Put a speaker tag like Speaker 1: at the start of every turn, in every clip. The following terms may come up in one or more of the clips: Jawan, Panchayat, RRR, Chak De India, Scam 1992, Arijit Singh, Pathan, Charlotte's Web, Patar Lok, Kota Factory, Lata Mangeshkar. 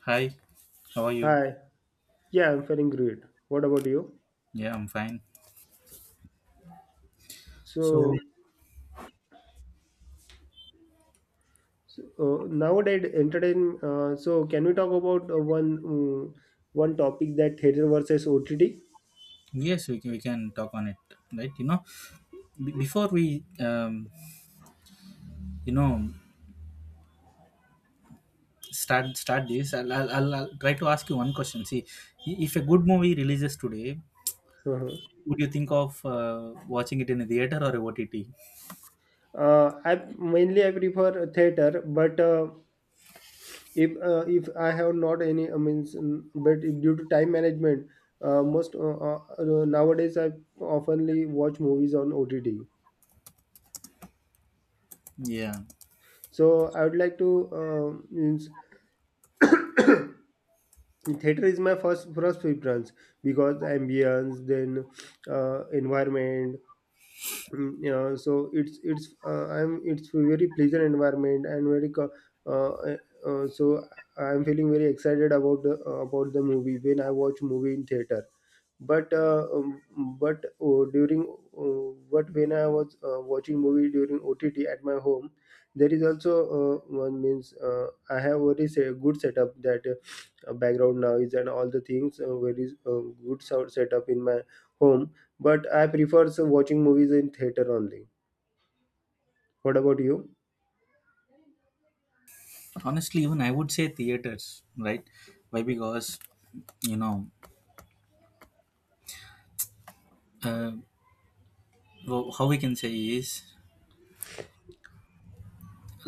Speaker 1: Hi, how are you?
Speaker 2: Hi. Yeah, I'm feeling great. What about you?
Speaker 1: Yeah, I'm fine. So
Speaker 2: So, so nowadays, can we talk about one one topic that theater versus OTT?
Speaker 1: yes, we can talk on it, right? You know, before we you know start this, I'll try to ask you one question. See, if a good movie releases today,
Speaker 2: Uh-huh.
Speaker 1: would you think of watching it in a theater or a OTT?
Speaker 2: I mainly I prefer theater, but if I have not any, I means, but due to time management, most nowadays I oftenly watch movies on OTT.
Speaker 1: Yeah,
Speaker 2: So I would like to means theater is my first preference because the ambience then environment you know so it's very pleasant environment and very uh, uh, uh, so I'm feeling very excited about the movie when I watch movie in theater but uh, um, but during but when I was watching movie during OTT at my home, there is also one means I have very good setup that background noise and all the things very good sound setup in my home but I prefer so watching movies in theater only. What about you?
Speaker 1: honestly, even I would say theaters, right? Why? Because you know uh, how we can say is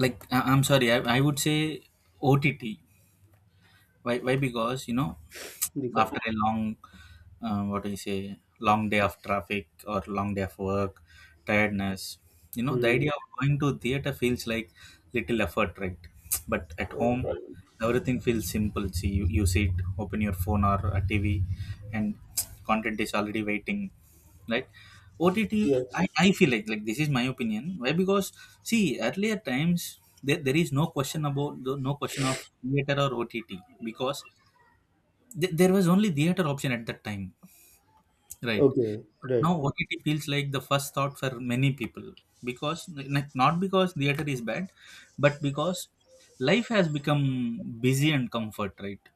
Speaker 1: like I'm sorry I would say ott. Why, why? Because you know
Speaker 2: Because
Speaker 1: after a long what do you say, long day of traffic or long day of work, tiredness, you know the
Speaker 2: hmm.
Speaker 1: idea of going to theater feels like little effort, right? But at
Speaker 2: Uh,
Speaker 1: home, right, everything feels simple. See you sit, open your phone or a tv, and content is already waiting, right? OTT.
Speaker 2: yes.
Speaker 1: I feel like, this is my opinion. Why? Because see, earlier times, there is no question about, no question of theater or ott, because Th there was only theater option at that time, right?
Speaker 2: Okay. Right.
Speaker 1: Now OTT feels like the first thought for many people because, like, not because theater is bad, but because life has become busy and comfort, right?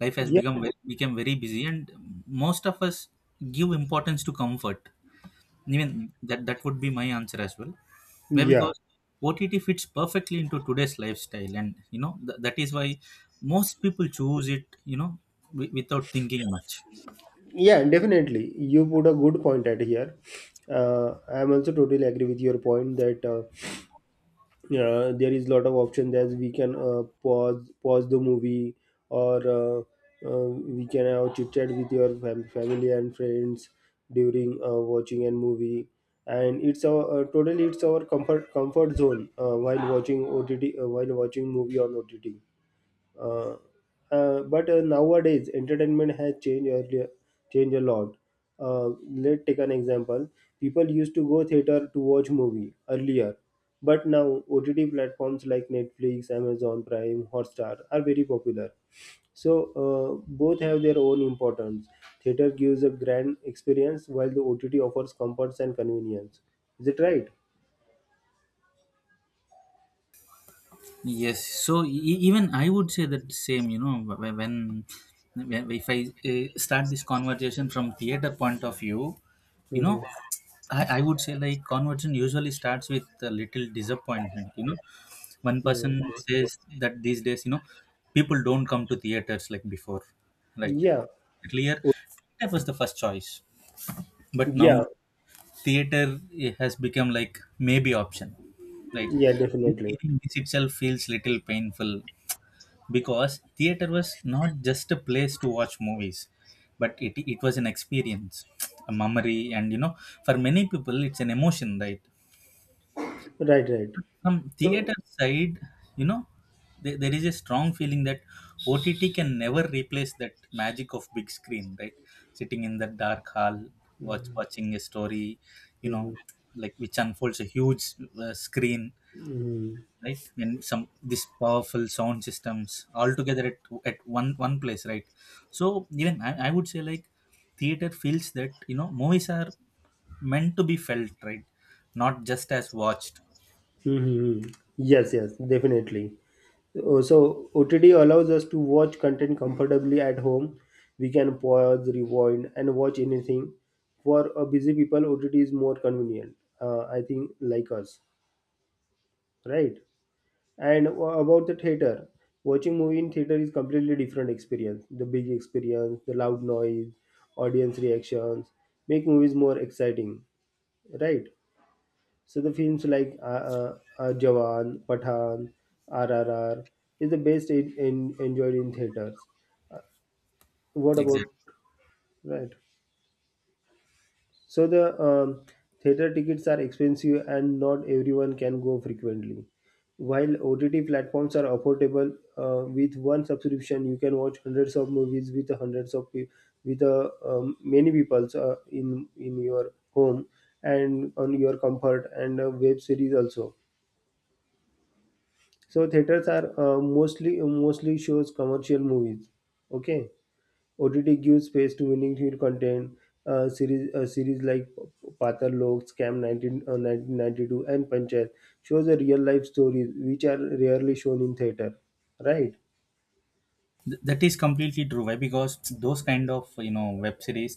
Speaker 1: Life has
Speaker 2: yeah
Speaker 1: become very busy, and most of us give importance to comfort. Even that would be my answer as well. Why?
Speaker 2: yeah
Speaker 1: Because OTT fits perfectly into today's lifestyle, and you know that is why most people choose it. You know, without thinking much.
Speaker 2: yeah Definitely you put a good point at here. I am also totally agree with your point that there is a lot of options as we can pause the movie or we can have chit chat with your family and friends during watching a movie, and it's our totally it's our comfort zone while watching OTT, while watching movie on OTT. Uh, but Nowadays entertainment has changed earlier, changed a lot. Let's take an example. People used to go theater to watch movie earlier, but now OTT platforms like Netflix, Amazon Prime, Hotstar are very popular. So both have their own importance. Theater gives a grand experience while the OTT offers comforts and convenience. Is it right?
Speaker 1: Yes, so even I would say that same. You know, when if I start this conversation from theater point of view, you know,
Speaker 2: Mm-hmm.
Speaker 1: I would say like conversion usually starts with a little disappointment. You know, one
Speaker 2: No,
Speaker 1: person
Speaker 2: okay.
Speaker 1: says that these days, you know, people don't come to theaters like before, right?
Speaker 2: Yeah.
Speaker 1: Earlier,
Speaker 2: O-,
Speaker 1: that was the first choice, but now
Speaker 2: yeah.
Speaker 1: theater has become like maybe option, right?
Speaker 2: Yeah, definitely.
Speaker 1: Even this itself feels little painful because theater was not just a place to watch movies, but it was an experience, a memory, and you know, for many people it's an emotion, right?
Speaker 2: Right, right.
Speaker 1: From
Speaker 2: So,
Speaker 1: theater side, you know, there is a strong feeling that ott can never replace that magic of big screen, right? Sitting in the dark hall, watching a story, you know,
Speaker 2: mhm.
Speaker 1: like which unfolds a huge screen,
Speaker 2: Mhm.
Speaker 1: right? And some, this powerful sound systems all together at one place, right? So even I would say like theater feels that, you know, movies are meant to be felt, right? Not just as watched.
Speaker 2: Mhm. Yes, yes, definitely. So, OTD allows us to watch content comfortably at home. We can pause, rewind, and watch anything. For a busy people, OTT is more convenient. I think like us, right? And about the theater, watching movie in theater is completely different experience. The big experience, the loud noise, audience reactions make movies more exciting, right? So the films like Jawan, Pathan, RRR is the best enjoyed in theaters. What about, right? So the theater tickets are expensive and not everyone can go frequently. While OTT platforms are affordable, with one subscription you can watch hundreds of movies with hundreds of pe- with many people in your home and on your comfort, and web series also. So theaters are mostly shows commercial movies. Okay, OTT gives space to meaningful content. Series like Patar Lok, Scam 19, 1992 and Panchayat shows the real life stories which are rarely shown in theater. Right,
Speaker 1: That is completely true. Why? Because those kind of, you know, web series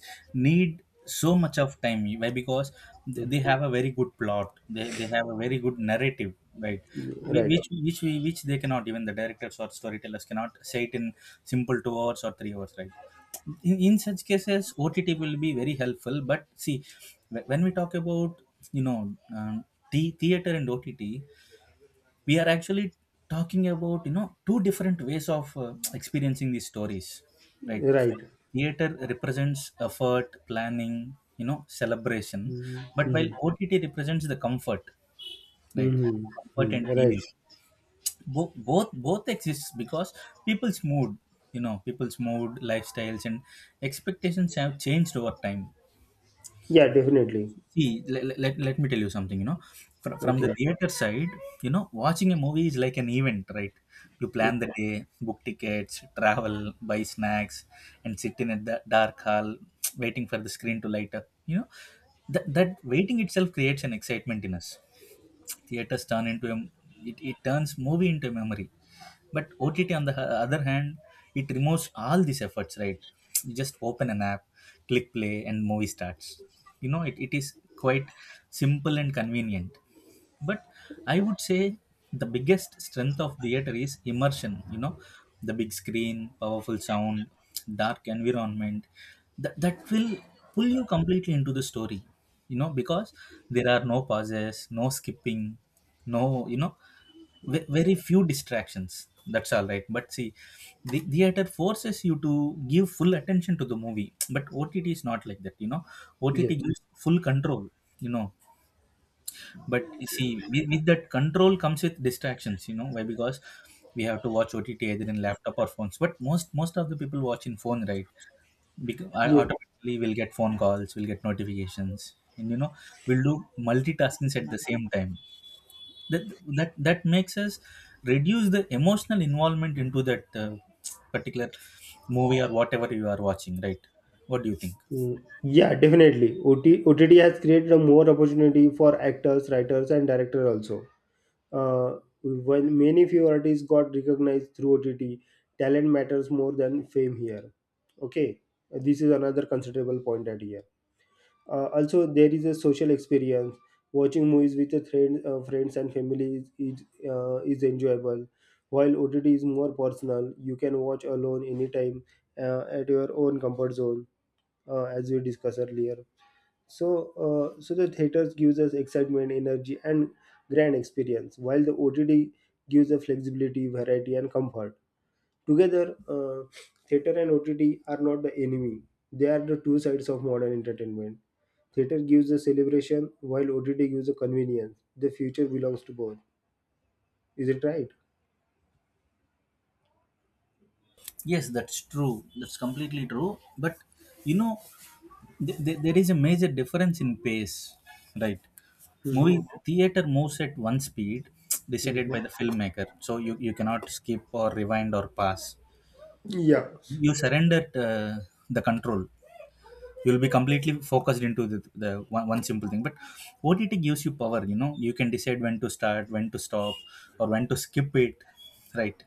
Speaker 1: need so much of time. Why? Because they have a very good plot, they have a very good narrative, right? Whi-
Speaker 2: right,
Speaker 1: which which we, which they cannot, even the directors or storytellers cannot say it in simple 2 hours or 3 hours, right? In such cases ott will be very helpful. But see, when we talk about, you know, um, the theater and ott, we are actually talking about, you know, two different ways of experiencing these stories, right?
Speaker 2: right.
Speaker 1: Theater represents effort, planning, you know, celebration, but while
Speaker 2: Mm-hmm.
Speaker 1: ott represents the comfort, right?
Speaker 2: Mm-hmm.
Speaker 1: Comfort
Speaker 2: Mm-hmm.
Speaker 1: and
Speaker 2: Right.
Speaker 1: ease. Both exists because people's mood, you know, people's mood, lifestyles and expectations have changed over time.
Speaker 2: Yeah, definitely.
Speaker 1: See, let me tell you something, you know, from the
Speaker 2: Okay.
Speaker 1: theater side, you know, watching a movie is like an event, right? You plan the day, book tickets, travel, buy snacks, and sit in a dark hall, waiting for the screen to light up. You know, that waiting itself creates an excitement in us. Theaters turn into it turns movie into a memory. But OTT, on the other hand, it removes all these efforts, right? You just open an app, click play, and movie starts. You know, it is quite simple and convenient, but I would say the biggest strength of theater is immersion. You know, the big screen, powerful sound, dark environment, that will pull you completely into the story, you know, because there are no pauses, no skipping, no, you know, very few distractions, that's all right. But see, the theater forces you to give full attention to the movie, but ott is not like that. You know, ott
Speaker 2: Yes.
Speaker 1: gives full control. You know, but you see, with that control comes with distractions. You know, why? Because we have to watch ott either in laptop or phones, but most, most of the people watch in phone, right? Because
Speaker 2: Yeah.
Speaker 1: automatically we'll get phone calls, we'll get notifications, and you know, we'll do multitaskings at the same time. that that makes us reduce the emotional involvement into that particular movie or whatever you are watching, right? What do you think?
Speaker 2: Yeah, definitely. OT, has created a more opportunity for actors, writers, and directors also. When many few artists got recognized through OTT, talent matters more than fame here. Okay, this is another considerable point at here. Also, there is a social experience. Watching movies with a friend, friends and family is enjoyable, while OTT is more personal. You can watch alone anytime at your own comfort zone as we discussed earlier. So, so the theaters gives us excitement, energy, and grand experience, while the OTT gives us flexibility, variety, and comfort. Together, theater and OTT are not the enemy; they are the two sides of modern entertainment. Theater gives a celebration, while OTT gives a convenience. The future belongs to both. Is it right?
Speaker 1: Yes, that's true, that's completely true, but you know, there is a major difference in pace, right?
Speaker 2: Hmm.
Speaker 1: Movie theater moves at one speed, decided
Speaker 2: Hmm.
Speaker 1: by the filmmaker, so you cannot skip or rewind or pass.
Speaker 2: Yeah,
Speaker 1: You surrender the control, you'll be completely focused into the one, one simple thing. But what it gives you, power. You know, you can decide when to start, when to stop, or when to skip it, right?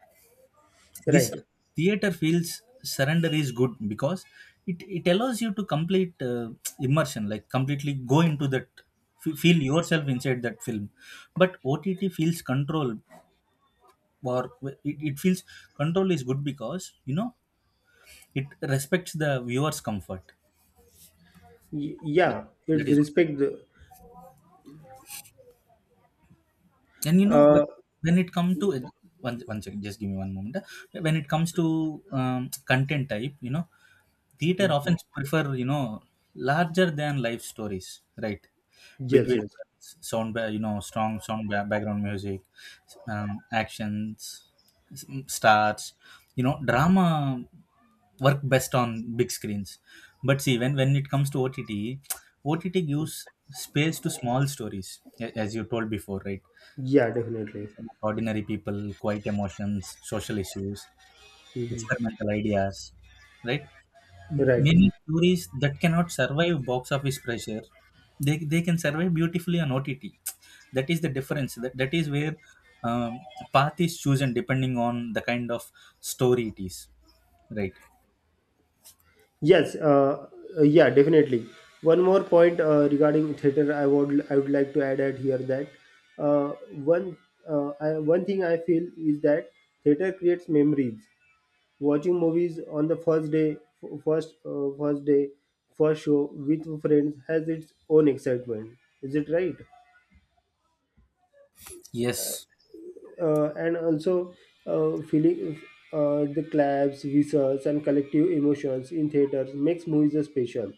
Speaker 1: This
Speaker 2: right.
Speaker 1: theater feels surrender is good because it allows you to complete immersion, like completely go into that, feel yourself inside that film. But ott feels control, or it feels control is good because, you know, it respects the viewer's comfort.
Speaker 2: Y-,
Speaker 1: that,
Speaker 2: yeah,
Speaker 1: that
Speaker 2: it's
Speaker 1: is.
Speaker 2: respect. The,
Speaker 1: And you know, when
Speaker 2: uh,
Speaker 1: when it comes to 1 second, just give me one moment. When it comes to content type, you know, theater
Speaker 2: hmm.
Speaker 1: often prefer, you know, larger than life stories, right? Big
Speaker 2: Yes, yes.
Speaker 1: visuals, sound you know, strong sound background music, actions, stars, you know, drama work best on big screens. But see, when it comes to ott, ott gives space to small stories, as you told before, right?
Speaker 2: Yeah, definitely.
Speaker 1: Stories about ordinary people, quiet emotions, social issues,
Speaker 2: Mhm.
Speaker 1: experimental ideas, right?
Speaker 2: Right.
Speaker 1: Many stories that cannot survive box office pressure, they can survive beautifully on ott. That is the difference. That is where, um, path is chosen depending on the kind of story it is, right?
Speaker 2: Yes. Yeah, definitely. One more point regarding theater, I would like to add at here that uh, one one thing I feel is that theater creates memories. Watching movies on the first day, first day, first show with friends has its own excitement. Is it right?
Speaker 1: Yes.
Speaker 2: And also feeling the claps, whistles, and collective emotions in theaters makes movies a special.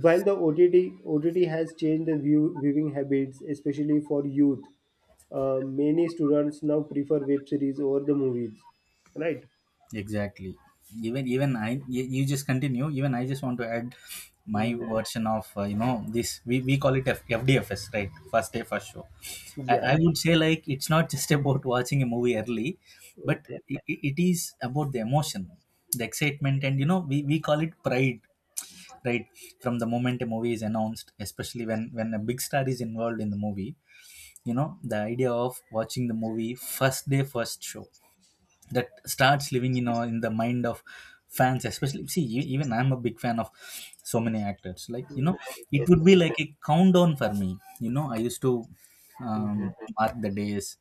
Speaker 2: While the OTT, OTT has changed the view, viewing habits, especially for youth, many students now prefer web series over the movies, right?
Speaker 1: Exactly. Even I, you just continue. Even I just want to add my
Speaker 2: Hmm.
Speaker 1: version of you know, this. We call it FDFS, right? First day, first show.
Speaker 2: Yeah,
Speaker 1: I
Speaker 2: yeah.
Speaker 1: would say like it's not just about watching a movie early, but
Speaker 2: Okay.
Speaker 1: it is about the emotion, the excitement, and you know, we call it pride, right? From the moment a movie is announced, especially when a big star is involved in the movie, you know the idea of watching the movie first day, first show, that starts living in our, in the mind of fans especially. See, even I'm a big fan of so many actors, like, you know, it would
Speaker 2: Mm-hmm.
Speaker 1: be like a countdown for me. You know, I used to
Speaker 2: Mm-hmm.
Speaker 1: mark the days,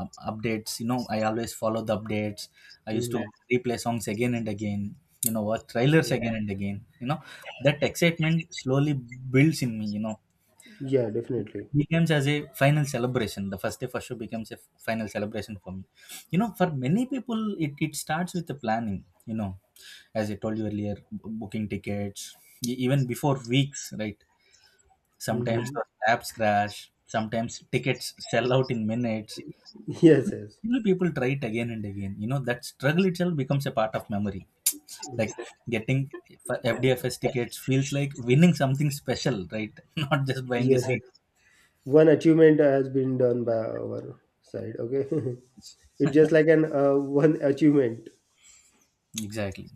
Speaker 1: updates, you know, I always follow the updates, I used to
Speaker 2: Mm-hmm.
Speaker 1: replay songs again and again, you know, watch trailers
Speaker 2: Mm-hmm.
Speaker 1: again and again, you know, that excitement slowly builds in me, you know,
Speaker 2: Yeah, definitely.
Speaker 1: becomes as a final celebration. The first day for sure becomes a final celebration for me. You know, for many people, it starts with the planning, you know, as I told you earlier, booking tickets, even before weeks, right?
Speaker 2: Hmm.
Speaker 1: Sometimes the apps crash, sometimes tickets sell out in minutes.
Speaker 2: Yes, yes.
Speaker 1: Still, people try it again and again. You know, that struggle itself becomes a part of memory. Like getting FDFS tickets feels like winning something special, right? Not just buying a
Speaker 2: Yes, yes.
Speaker 1: seat.
Speaker 2: One achievement has been done by our side, okay. It's just like an one achievement.
Speaker 1: Exactly.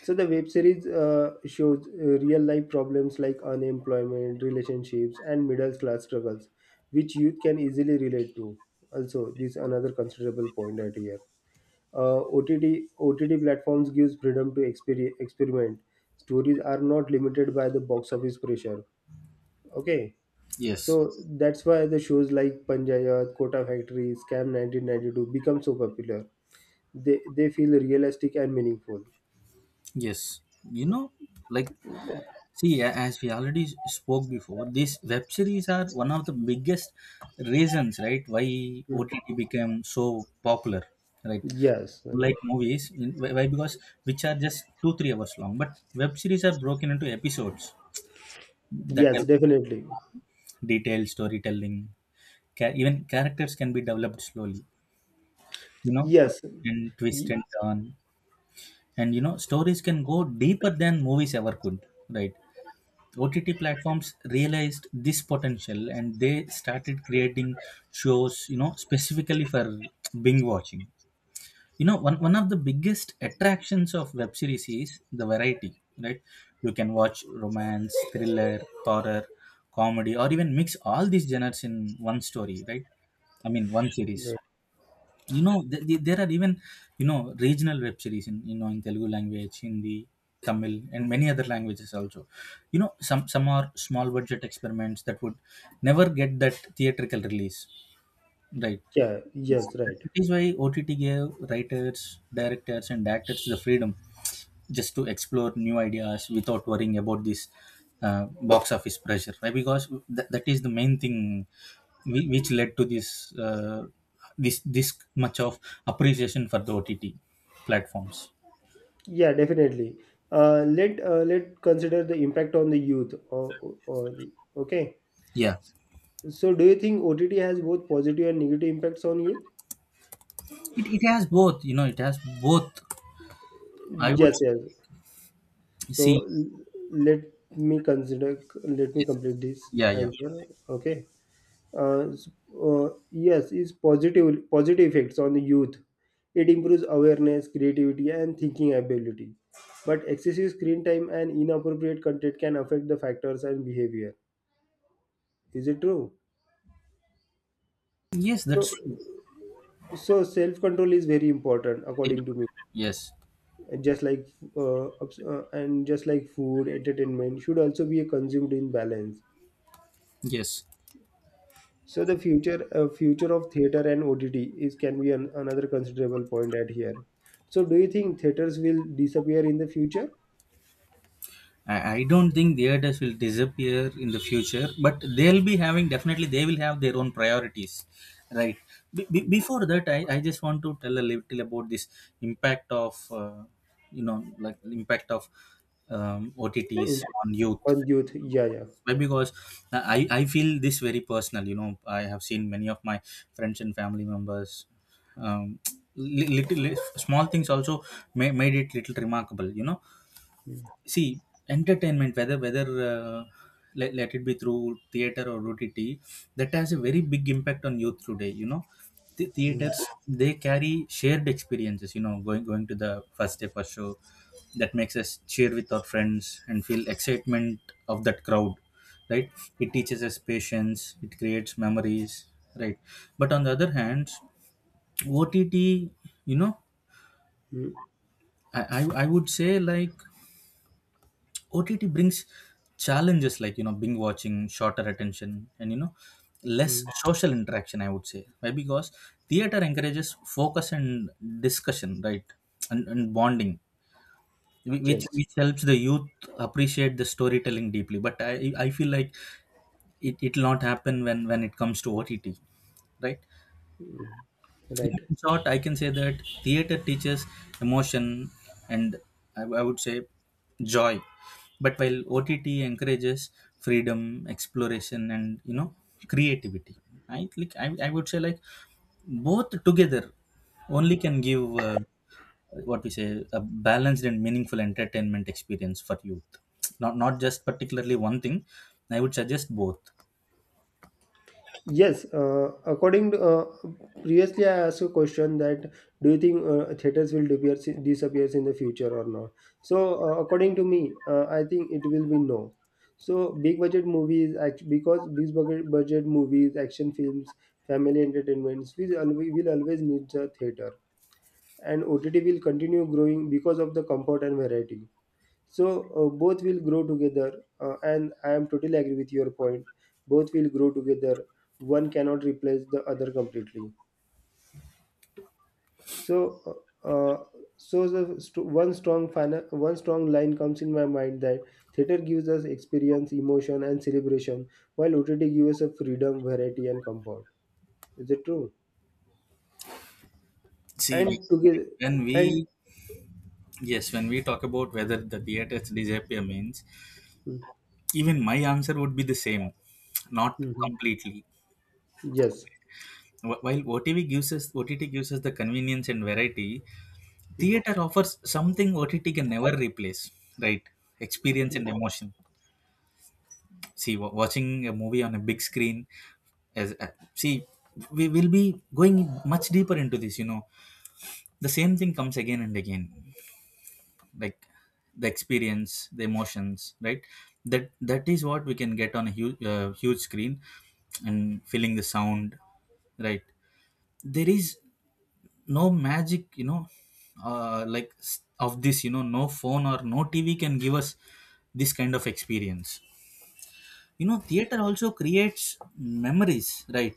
Speaker 2: So the web series shows real life problems like unemployment, relationships and middle class struggles, which youth can easily relate to. Also this is another considerable point right here. OTT platforms gives freedom to experiment. Stories are not limited by the box office pressure. Okay, so
Speaker 1: Yes.
Speaker 2: that's why the shows like Panchayat, Kota Factory, Scam 1992 become so popular. They feel realistic and meaningful.
Speaker 1: Yes, you know, like, see, as we already spoke before, these web series are one of the biggest reasons, right, why
Speaker 2: Mm.
Speaker 1: OTT became so popular, right?
Speaker 2: Yes, right.
Speaker 1: Like movies, why why? Because which are just 2-3 hours long, but web series are broken into episodes that
Speaker 2: Yes,
Speaker 1: help
Speaker 2: definitely.
Speaker 1: detailed storytelling. Even characters can be developed slowly, you know,
Speaker 2: Yes,
Speaker 1: and twist
Speaker 2: Y-,
Speaker 1: and turn, and you know, stories can go deeper than movies ever could, right? OTT platforms realized this potential and they started creating shows, you know, specifically for binge watching. You know, one of the biggest attractions of web series is the variety, right? You can watch romance, thriller, horror, comedy, or even mix all these genres in one story, right? I mean, one series,
Speaker 2: right.
Speaker 1: there are even you know regional web series in in Telugu language, Hindi, Tamil, and many other languages also. Some are small budget experiments that would never get that theatrical release, right.
Speaker 2: Yeah, yes, right.
Speaker 1: That is why OTT gave writers, directors, and actors the freedom just to explore new ideas without worrying about this box office pressure, right? Because that is the main thing which led to this this much of appreciation for the OTT platforms.
Speaker 2: Yeah, definitely. Let consider the impact on the youth. Or okay.
Speaker 1: Yeah,
Speaker 2: So, do you think OTT has both positive and negative impacts on youth?
Speaker 1: it has both, you know, it has both. I would
Speaker 2: Yes, yes. So
Speaker 1: see.
Speaker 2: let me consider, let me
Speaker 1: Yes.
Speaker 2: complete this
Speaker 1: Yeah, yeah.
Speaker 2: answer. Okay. Uh, s- yes, is positive effects on the youth. It improves awareness, creativity, and thinking ability. But excessive screen time and inappropriate content can affect the factors and behavior. Is it true?
Speaker 1: Yes,
Speaker 2: So,
Speaker 1: that's true.
Speaker 2: so self control is very important, according to me.
Speaker 1: Yes,
Speaker 2: And just like obs- and just like food, entertainment should also be consumed in balance.
Speaker 1: yes.
Speaker 2: So the future future of theater and OTT is can be an, another considerable point at here. So do you think theaters will disappear in the future?
Speaker 1: I don't think theaters will disappear in the future, but they'll be having definitely they will have their own priorities, right? Before that, I just want to tell a little about this impact of like impact of OTTs
Speaker 2: In,
Speaker 1: on youth.
Speaker 2: on youth, yeah, yeah.
Speaker 1: Why? Because I feel this very personal. You know, I have seen many of my friends and family members. Um, little small things also made it little remarkable. You know,
Speaker 2: Mm,
Speaker 1: see, entertainment, whether let it be through theater or OTT, that has a very big impact on youth today. You know, the
Speaker 2: mm,
Speaker 1: theaters, they carry shared experiences, you know, going to the first day first show that makes us cheer with our friends and feel excitement of that crowd, right. It teaches us patience, it creates memories, right. But on the other hand, OTT, you know,
Speaker 2: mm,
Speaker 1: I would say like OTT brings challenges like, you know, binge watching, shorter attention, and, you know, less
Speaker 2: mm.
Speaker 1: social interaction. I would say why, because theater encourages focus and discussion, right, and bonding, which
Speaker 2: Yes,
Speaker 1: which helps the youth appreciate the storytelling deeply. But I feel like it will not happen when it comes to OTT, right?
Speaker 2: mm, right.
Speaker 1: In short, I can say that theater teaches emotion and, I would say, joy. But while OTT encourages freedom, exploration, and, you know, creativity, I like I would say like both together only can give what we say a balanced and meaningful entertainment experience for youth. Not just particularly one thing. I would suggest both.
Speaker 2: Yes, previously I asked a question that do you think theaters will disappears in the future or not? So according to me, I think it will be no. So big budget movies, because big budget movies, action films, family entertainments, we always will always need the theater, and OTT will continue growing because of the comfort and variety. So both will grow together, and I am totally agree with your point. Both will grow together. One cannot replace the other completely. So so the one strong line comes in my mind that theater gives us experience, emotion and celebration, while OTT gives us a freedom, variety and comfort. Is it true?
Speaker 1: See,
Speaker 2: And together,
Speaker 1: when
Speaker 2: and
Speaker 1: we... Yes, when we talk about whether the theaters disappear means, even my answer would be the same, not
Speaker 2: mhm.
Speaker 1: completely.
Speaker 2: Yes,
Speaker 1: While OTV gives us OTT gives us the convenience and variety, theater offers something OTT can never replace, right? Experience and emotion. See, watching a movie on a big screen, as see, we will be going much deeper into this. You know, the same thing comes again and again, like the experience, the emotions, right. That is what we can get on a huge huge screen and feeling the sound, right. There is no magic, you know, like of this, you know, no phone or no TV can give us this kind of experience. You know, theater also creates memories, right,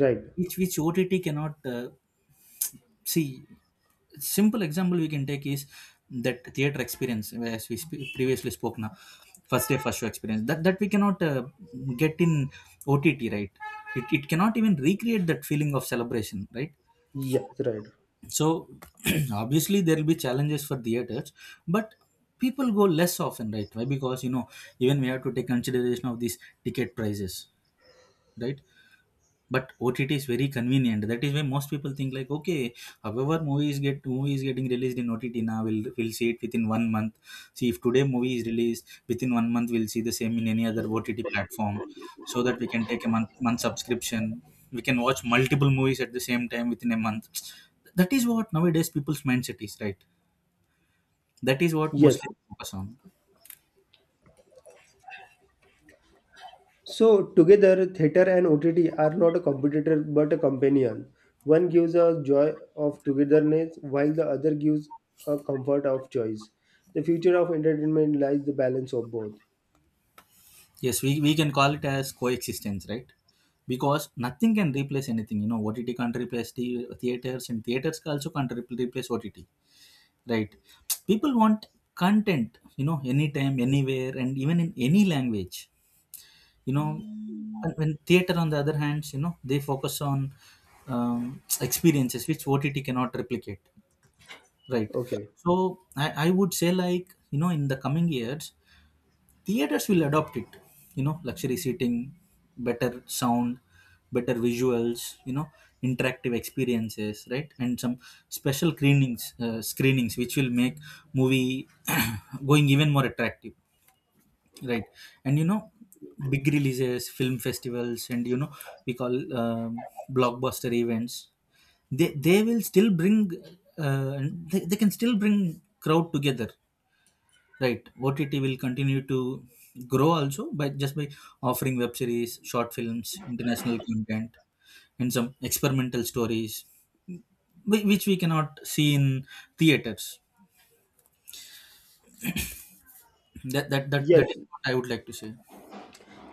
Speaker 2: right.
Speaker 1: which OTT cannot. See, simple example we can take is that theater experience, as we previously spoke now, first day first show experience that we cannot get in OTT, right. It cannot even recreate that feeling of celebration, right.
Speaker 2: Yes, right.
Speaker 1: So, obviously there will be challenges for theaters, but people go less often, right, why, because, you know, even we have to take consideration of these ticket prices, right. But OTT is very convenient. That is why most people think like, okay, however movies getting released in OTT now, we'll see it within one month. See, if today movie is released within one month, we'll see the same in any other OTT platform, so that we can take a month subscription. We can watch multiple movies at the same time within a month. That is what nowadays people's mindset is, right? That is what
Speaker 2: Yes.
Speaker 1: mostly focus on.
Speaker 2: So, together, theatre and OTT are not a competitor but a companion. One gives a joy of togetherness, while the other gives a comfort of choice. The future of entertainment lies the balance of both.
Speaker 1: Yes, we can call it as coexistence, right? Because nothing can replace anything. You know, OTT can't replace the theaters, and theaters also can't replace OTT, right? People want content, you know, anytime, anywhere, and even in any language. You know, and when theater, on the other hand, you know, they focus on experiences which OTT cannot replicate, right?
Speaker 2: Okay.
Speaker 1: So I would say, like, you know, in the coming years, theaters will adopt it, you know, luxury seating, better sound, better visuals, you know, interactive experiences, right, and some special screenings, screenings which will make movie going even more attractive, right. And, you know, big releases, film festivals, and, you know, we call um, blockbuster events, they will still bring uh, they can still bring crowd together. Right. OTT will continue to grow also, by just by offering web series, short films, international content, and some experimental stories which we cannot see in theaters. That that that,
Speaker 2: Yes.
Speaker 1: that is what I would like to say.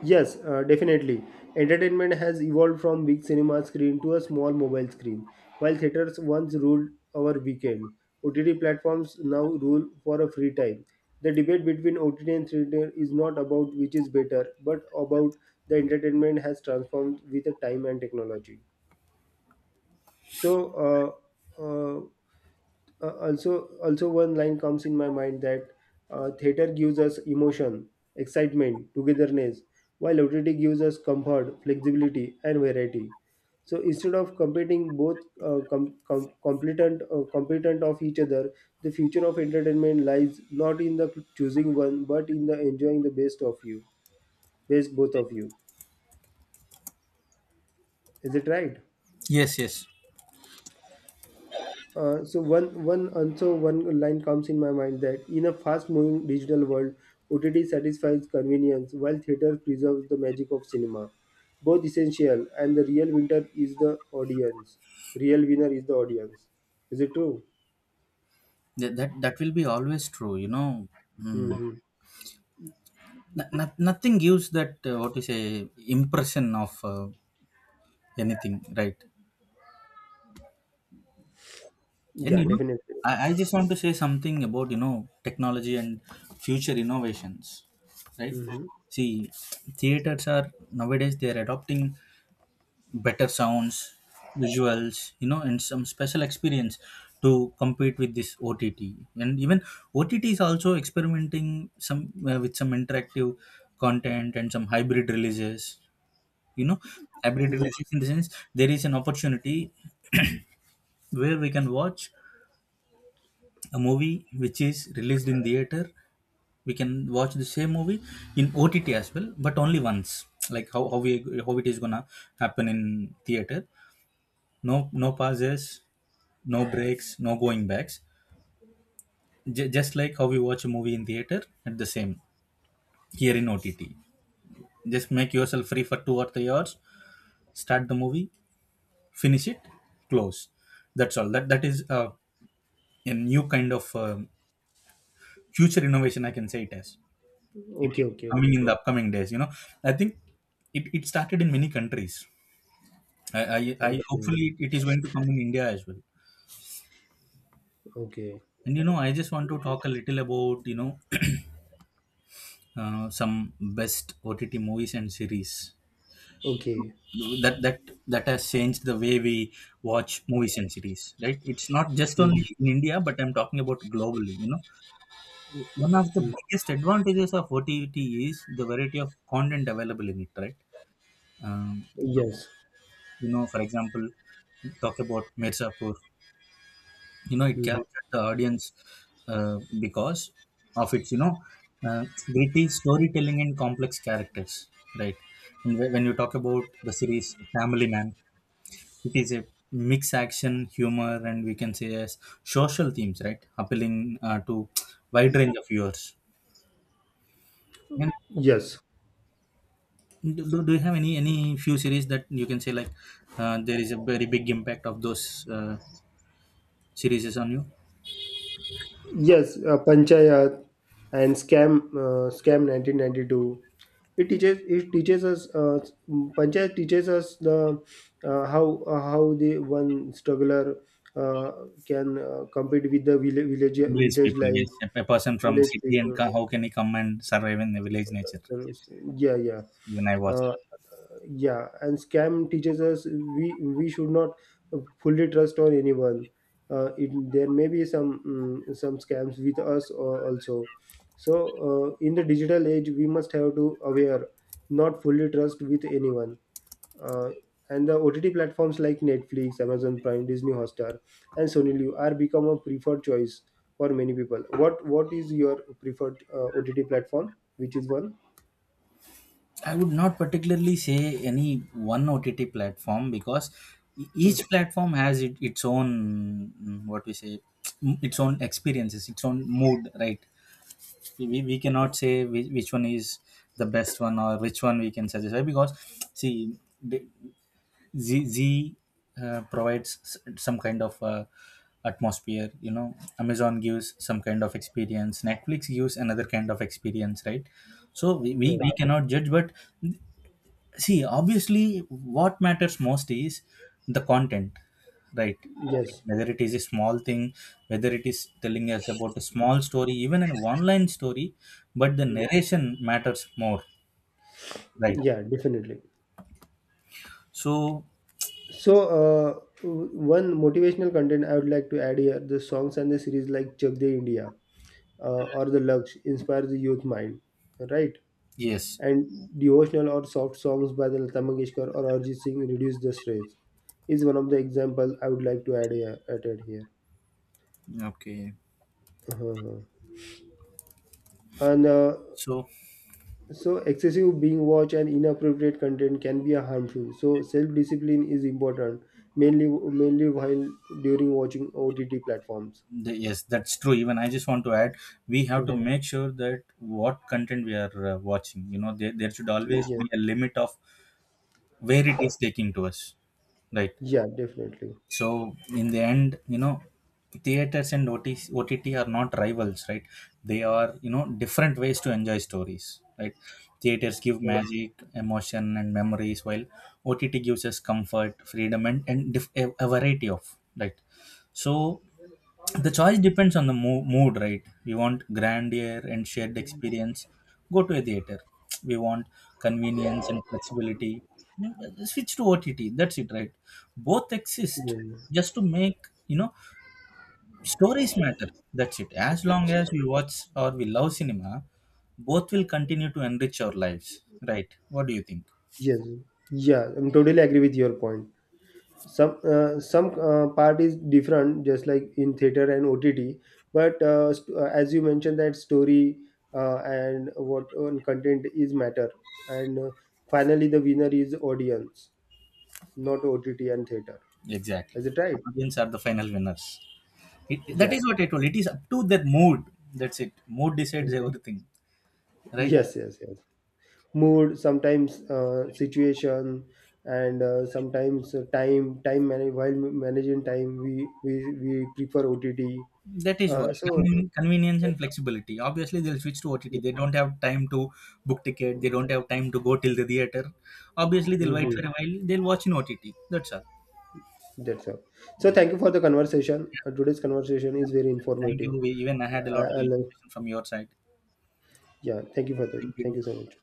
Speaker 2: Yes, definitely. Entertainment has evolved from big cinema screen to a small mobile screen. While theaters once ruled our weekend, OTT platforms now rule for a free time. The debate between OTT and theater is not about which is better, but about the entertainment has transformed with the time and technology. So, uh, uh, also also one line comes in my mind that theater gives us emotion, excitement, togetherness, while OTT gives us comfort, flexibility and variety. So instead of competing, both competent of each other, the future of entertainment lies not in the choosing one but in the enjoying the best of you, best both of you. Is it right?
Speaker 1: Yes, yes.
Speaker 2: So one one also one line comes in my mind that in a fast-moving digital world, OTT satisfies convenience while theater preserves the magic of cinema. Both essential, and the real winner is the audience. Real winner is the audience. Is it true?
Speaker 1: That will be always true. You know, mm.
Speaker 2: Mm-hmm.
Speaker 1: No, nothing gives that what you say impression of anything, right? And
Speaker 2: Yeah,
Speaker 1: you know,
Speaker 2: definitely.
Speaker 1: I just want to say something about, you know, technology and future innovations, right?
Speaker 2: Mm-hmm.
Speaker 1: See, theaters are nowadays they are adopting better sounds, visuals, you know, and some special experience to compete with this OTT. And even OTT is also experimenting some with some interactive content and some hybrid releases. You know, hybrid
Speaker 2: Yes.
Speaker 1: releases in the sense, there is an opportunity where we can watch a movie which is released in theater, we can watch the same movie in OTT as well, but only once. Like how it is gonna happen in theater. No, no pauses, no breaks, no going backs. Just like how we watch a movie in theater, at the same, here in OTT, just make yourself free for 2 or 3 hours, start the movie, finish it, close, that's all. That is a new kind of future innovation, I can say it as. It's
Speaker 2: Okay. Okay.
Speaker 1: coming
Speaker 2: Okay.
Speaker 1: in the upcoming days, you know. I think it started in many countries. I, I I
Speaker 2: Okay.
Speaker 1: Hopefully it is going to come in India as well.
Speaker 2: Okay.
Speaker 1: And, you know, I just want to talk a little about, you know, some best OTT movies and series
Speaker 2: Okay.
Speaker 1: that that that has changed the way we watch movies and series, right. It's not just
Speaker 2: Mm-hmm.
Speaker 1: only in India, but I'm talking about globally, you know. One of the biggest advantages of OTT is the variety of content available in it, right? um,
Speaker 2: Yes.
Speaker 1: you know, for example, talk about Mirzapur, you know, it
Speaker 2: Mm-hmm.
Speaker 1: captured the audience uh, because of its, you know, uh, gritty storytelling and complex characters, right. And when you talk about the series Family Man, it is a mix, action, humor, and we can say as social themes, right, appealing to wide range of viewers. And
Speaker 2: Yes.
Speaker 1: do you have any few series that you can say like there is a very big impact of those uh, series on you?
Speaker 2: Yes, Panchayat and Scam, Scam 1992. It teaches us, Panchayat teaches us the how the one struggler uh, can compete with the
Speaker 1: Village
Speaker 2: village
Speaker 1: people,
Speaker 2: life,
Speaker 1: yes. A person from
Speaker 2: village
Speaker 1: city and
Speaker 2: people.
Speaker 1: how can he come and survive in the village nature?
Speaker 2: So, yeah, yeah.
Speaker 1: Even I
Speaker 2: Uh,
Speaker 1: watched.
Speaker 2: yeah, and scam teaches us we should not fully trust on anyone. It, there may be some some scams with us or also. So in the digital age we must have to aware, not fully trust with anyone. uh, and the OTT platforms like Netflix, Amazon Prime, Disney Hotstar and Sony Live are become a preferred choice for many people. What is your preferred OTT platform, which is one?
Speaker 1: I would not particularly say any one OTT platform because each
Speaker 2: Hmm.
Speaker 1: platform has its own, what we say, its own experiences, its own mood, right? We cannot say which one is the best one or which one we can satisfy, because see, the, Z provides some kind of atmosphere. You know, Amazon gives some kind of experience. Netflix gives another kind of experience, right? So we
Speaker 2: Right.
Speaker 1: cannot judge, but see, obviously, what matters most is the content, right?
Speaker 2: Yes.
Speaker 1: Whether it is a small thing, whether it is telling us about a small story, even an online story, but the
Speaker 2: Hmm.
Speaker 1: narration matters more, right?
Speaker 2: Yeah, definitely.
Speaker 1: So,
Speaker 2: So, one motivational content I would like to add here, the songs and the series like Chak De India or The Lux inspire the youth mind, right?
Speaker 1: yes.
Speaker 2: And devotional or soft songs by the Lata Mangeshkar or Arjit Singh reduce the stress is one of the examples I would like to add here. Added here.
Speaker 1: Okay.
Speaker 2: Uh-huh. And
Speaker 1: So,
Speaker 2: so excessive being watch and inappropriate content can be harmful, so self discipline is important mainly, mainly while during watching OTT platforms.
Speaker 1: Yes, that's true. Even I just want to add, we have to,
Speaker 2: Hmm.
Speaker 1: Mhm, make sure that what content we are watching, you know, there should always
Speaker 2: Yeah.
Speaker 1: be a limit of where it is taking to us, right.
Speaker 2: Yeah, definitely.
Speaker 1: So in the end, you know, theaters and OTC, OTT, are not rivals, right. They are, you know, different ways to enjoy stories, right. Theaters give
Speaker 2: Yes,
Speaker 1: magic, emotion, and memories, while OTT gives us comfort, freedom, and a variety of, right. So the choice depends on the mood, right. We want grandeur and shared experience, go to a theater. We want convenience and flexibility, you know, switch to OTT. That's it, right? Both exist
Speaker 2: yes,
Speaker 1: just to make, you know, stories matter. That's it. As long as we watch, or we love cinema, both will continue to enrich our lives, right. What do you think?
Speaker 2: yes. Yeah, I'm totally agree with your point. Some some part is different just like in theater and OTT, but as you mentioned that story and what on content is matter, and finally the winner is audience, not OTT and theater. Is
Speaker 1: Exactly.
Speaker 2: it right?
Speaker 1: Audience are the final winners. That
Speaker 2: Yeah.
Speaker 1: is what I told, it is up to their mood. That's it, mood decides everything, right?
Speaker 2: Yes, yes, yes. Mood, sometimes situation, and sometimes time manage, while managing time, we prefer OTT.
Speaker 1: That is what,
Speaker 2: So.
Speaker 1: Convenience and flexibility. Obviously, they'll switch to OTT. They don't have time to book ticket. They don't have time to go till the theater. Obviously, they'll wait
Speaker 2: Mhm.
Speaker 1: for a while. They'll watch in OTT. That's all.
Speaker 2: That's all. So
Speaker 1: Yeah.
Speaker 2: thank you for the conversation. Today's conversation is very
Speaker 1: Thank
Speaker 2: informative.
Speaker 1: you. Even I had a
Speaker 2: I,
Speaker 1: lot of
Speaker 2: I love,
Speaker 1: information from your side.
Speaker 2: yeah. Thank you for the.
Speaker 1: Thank
Speaker 2: Thank
Speaker 1: you.
Speaker 2: you so much.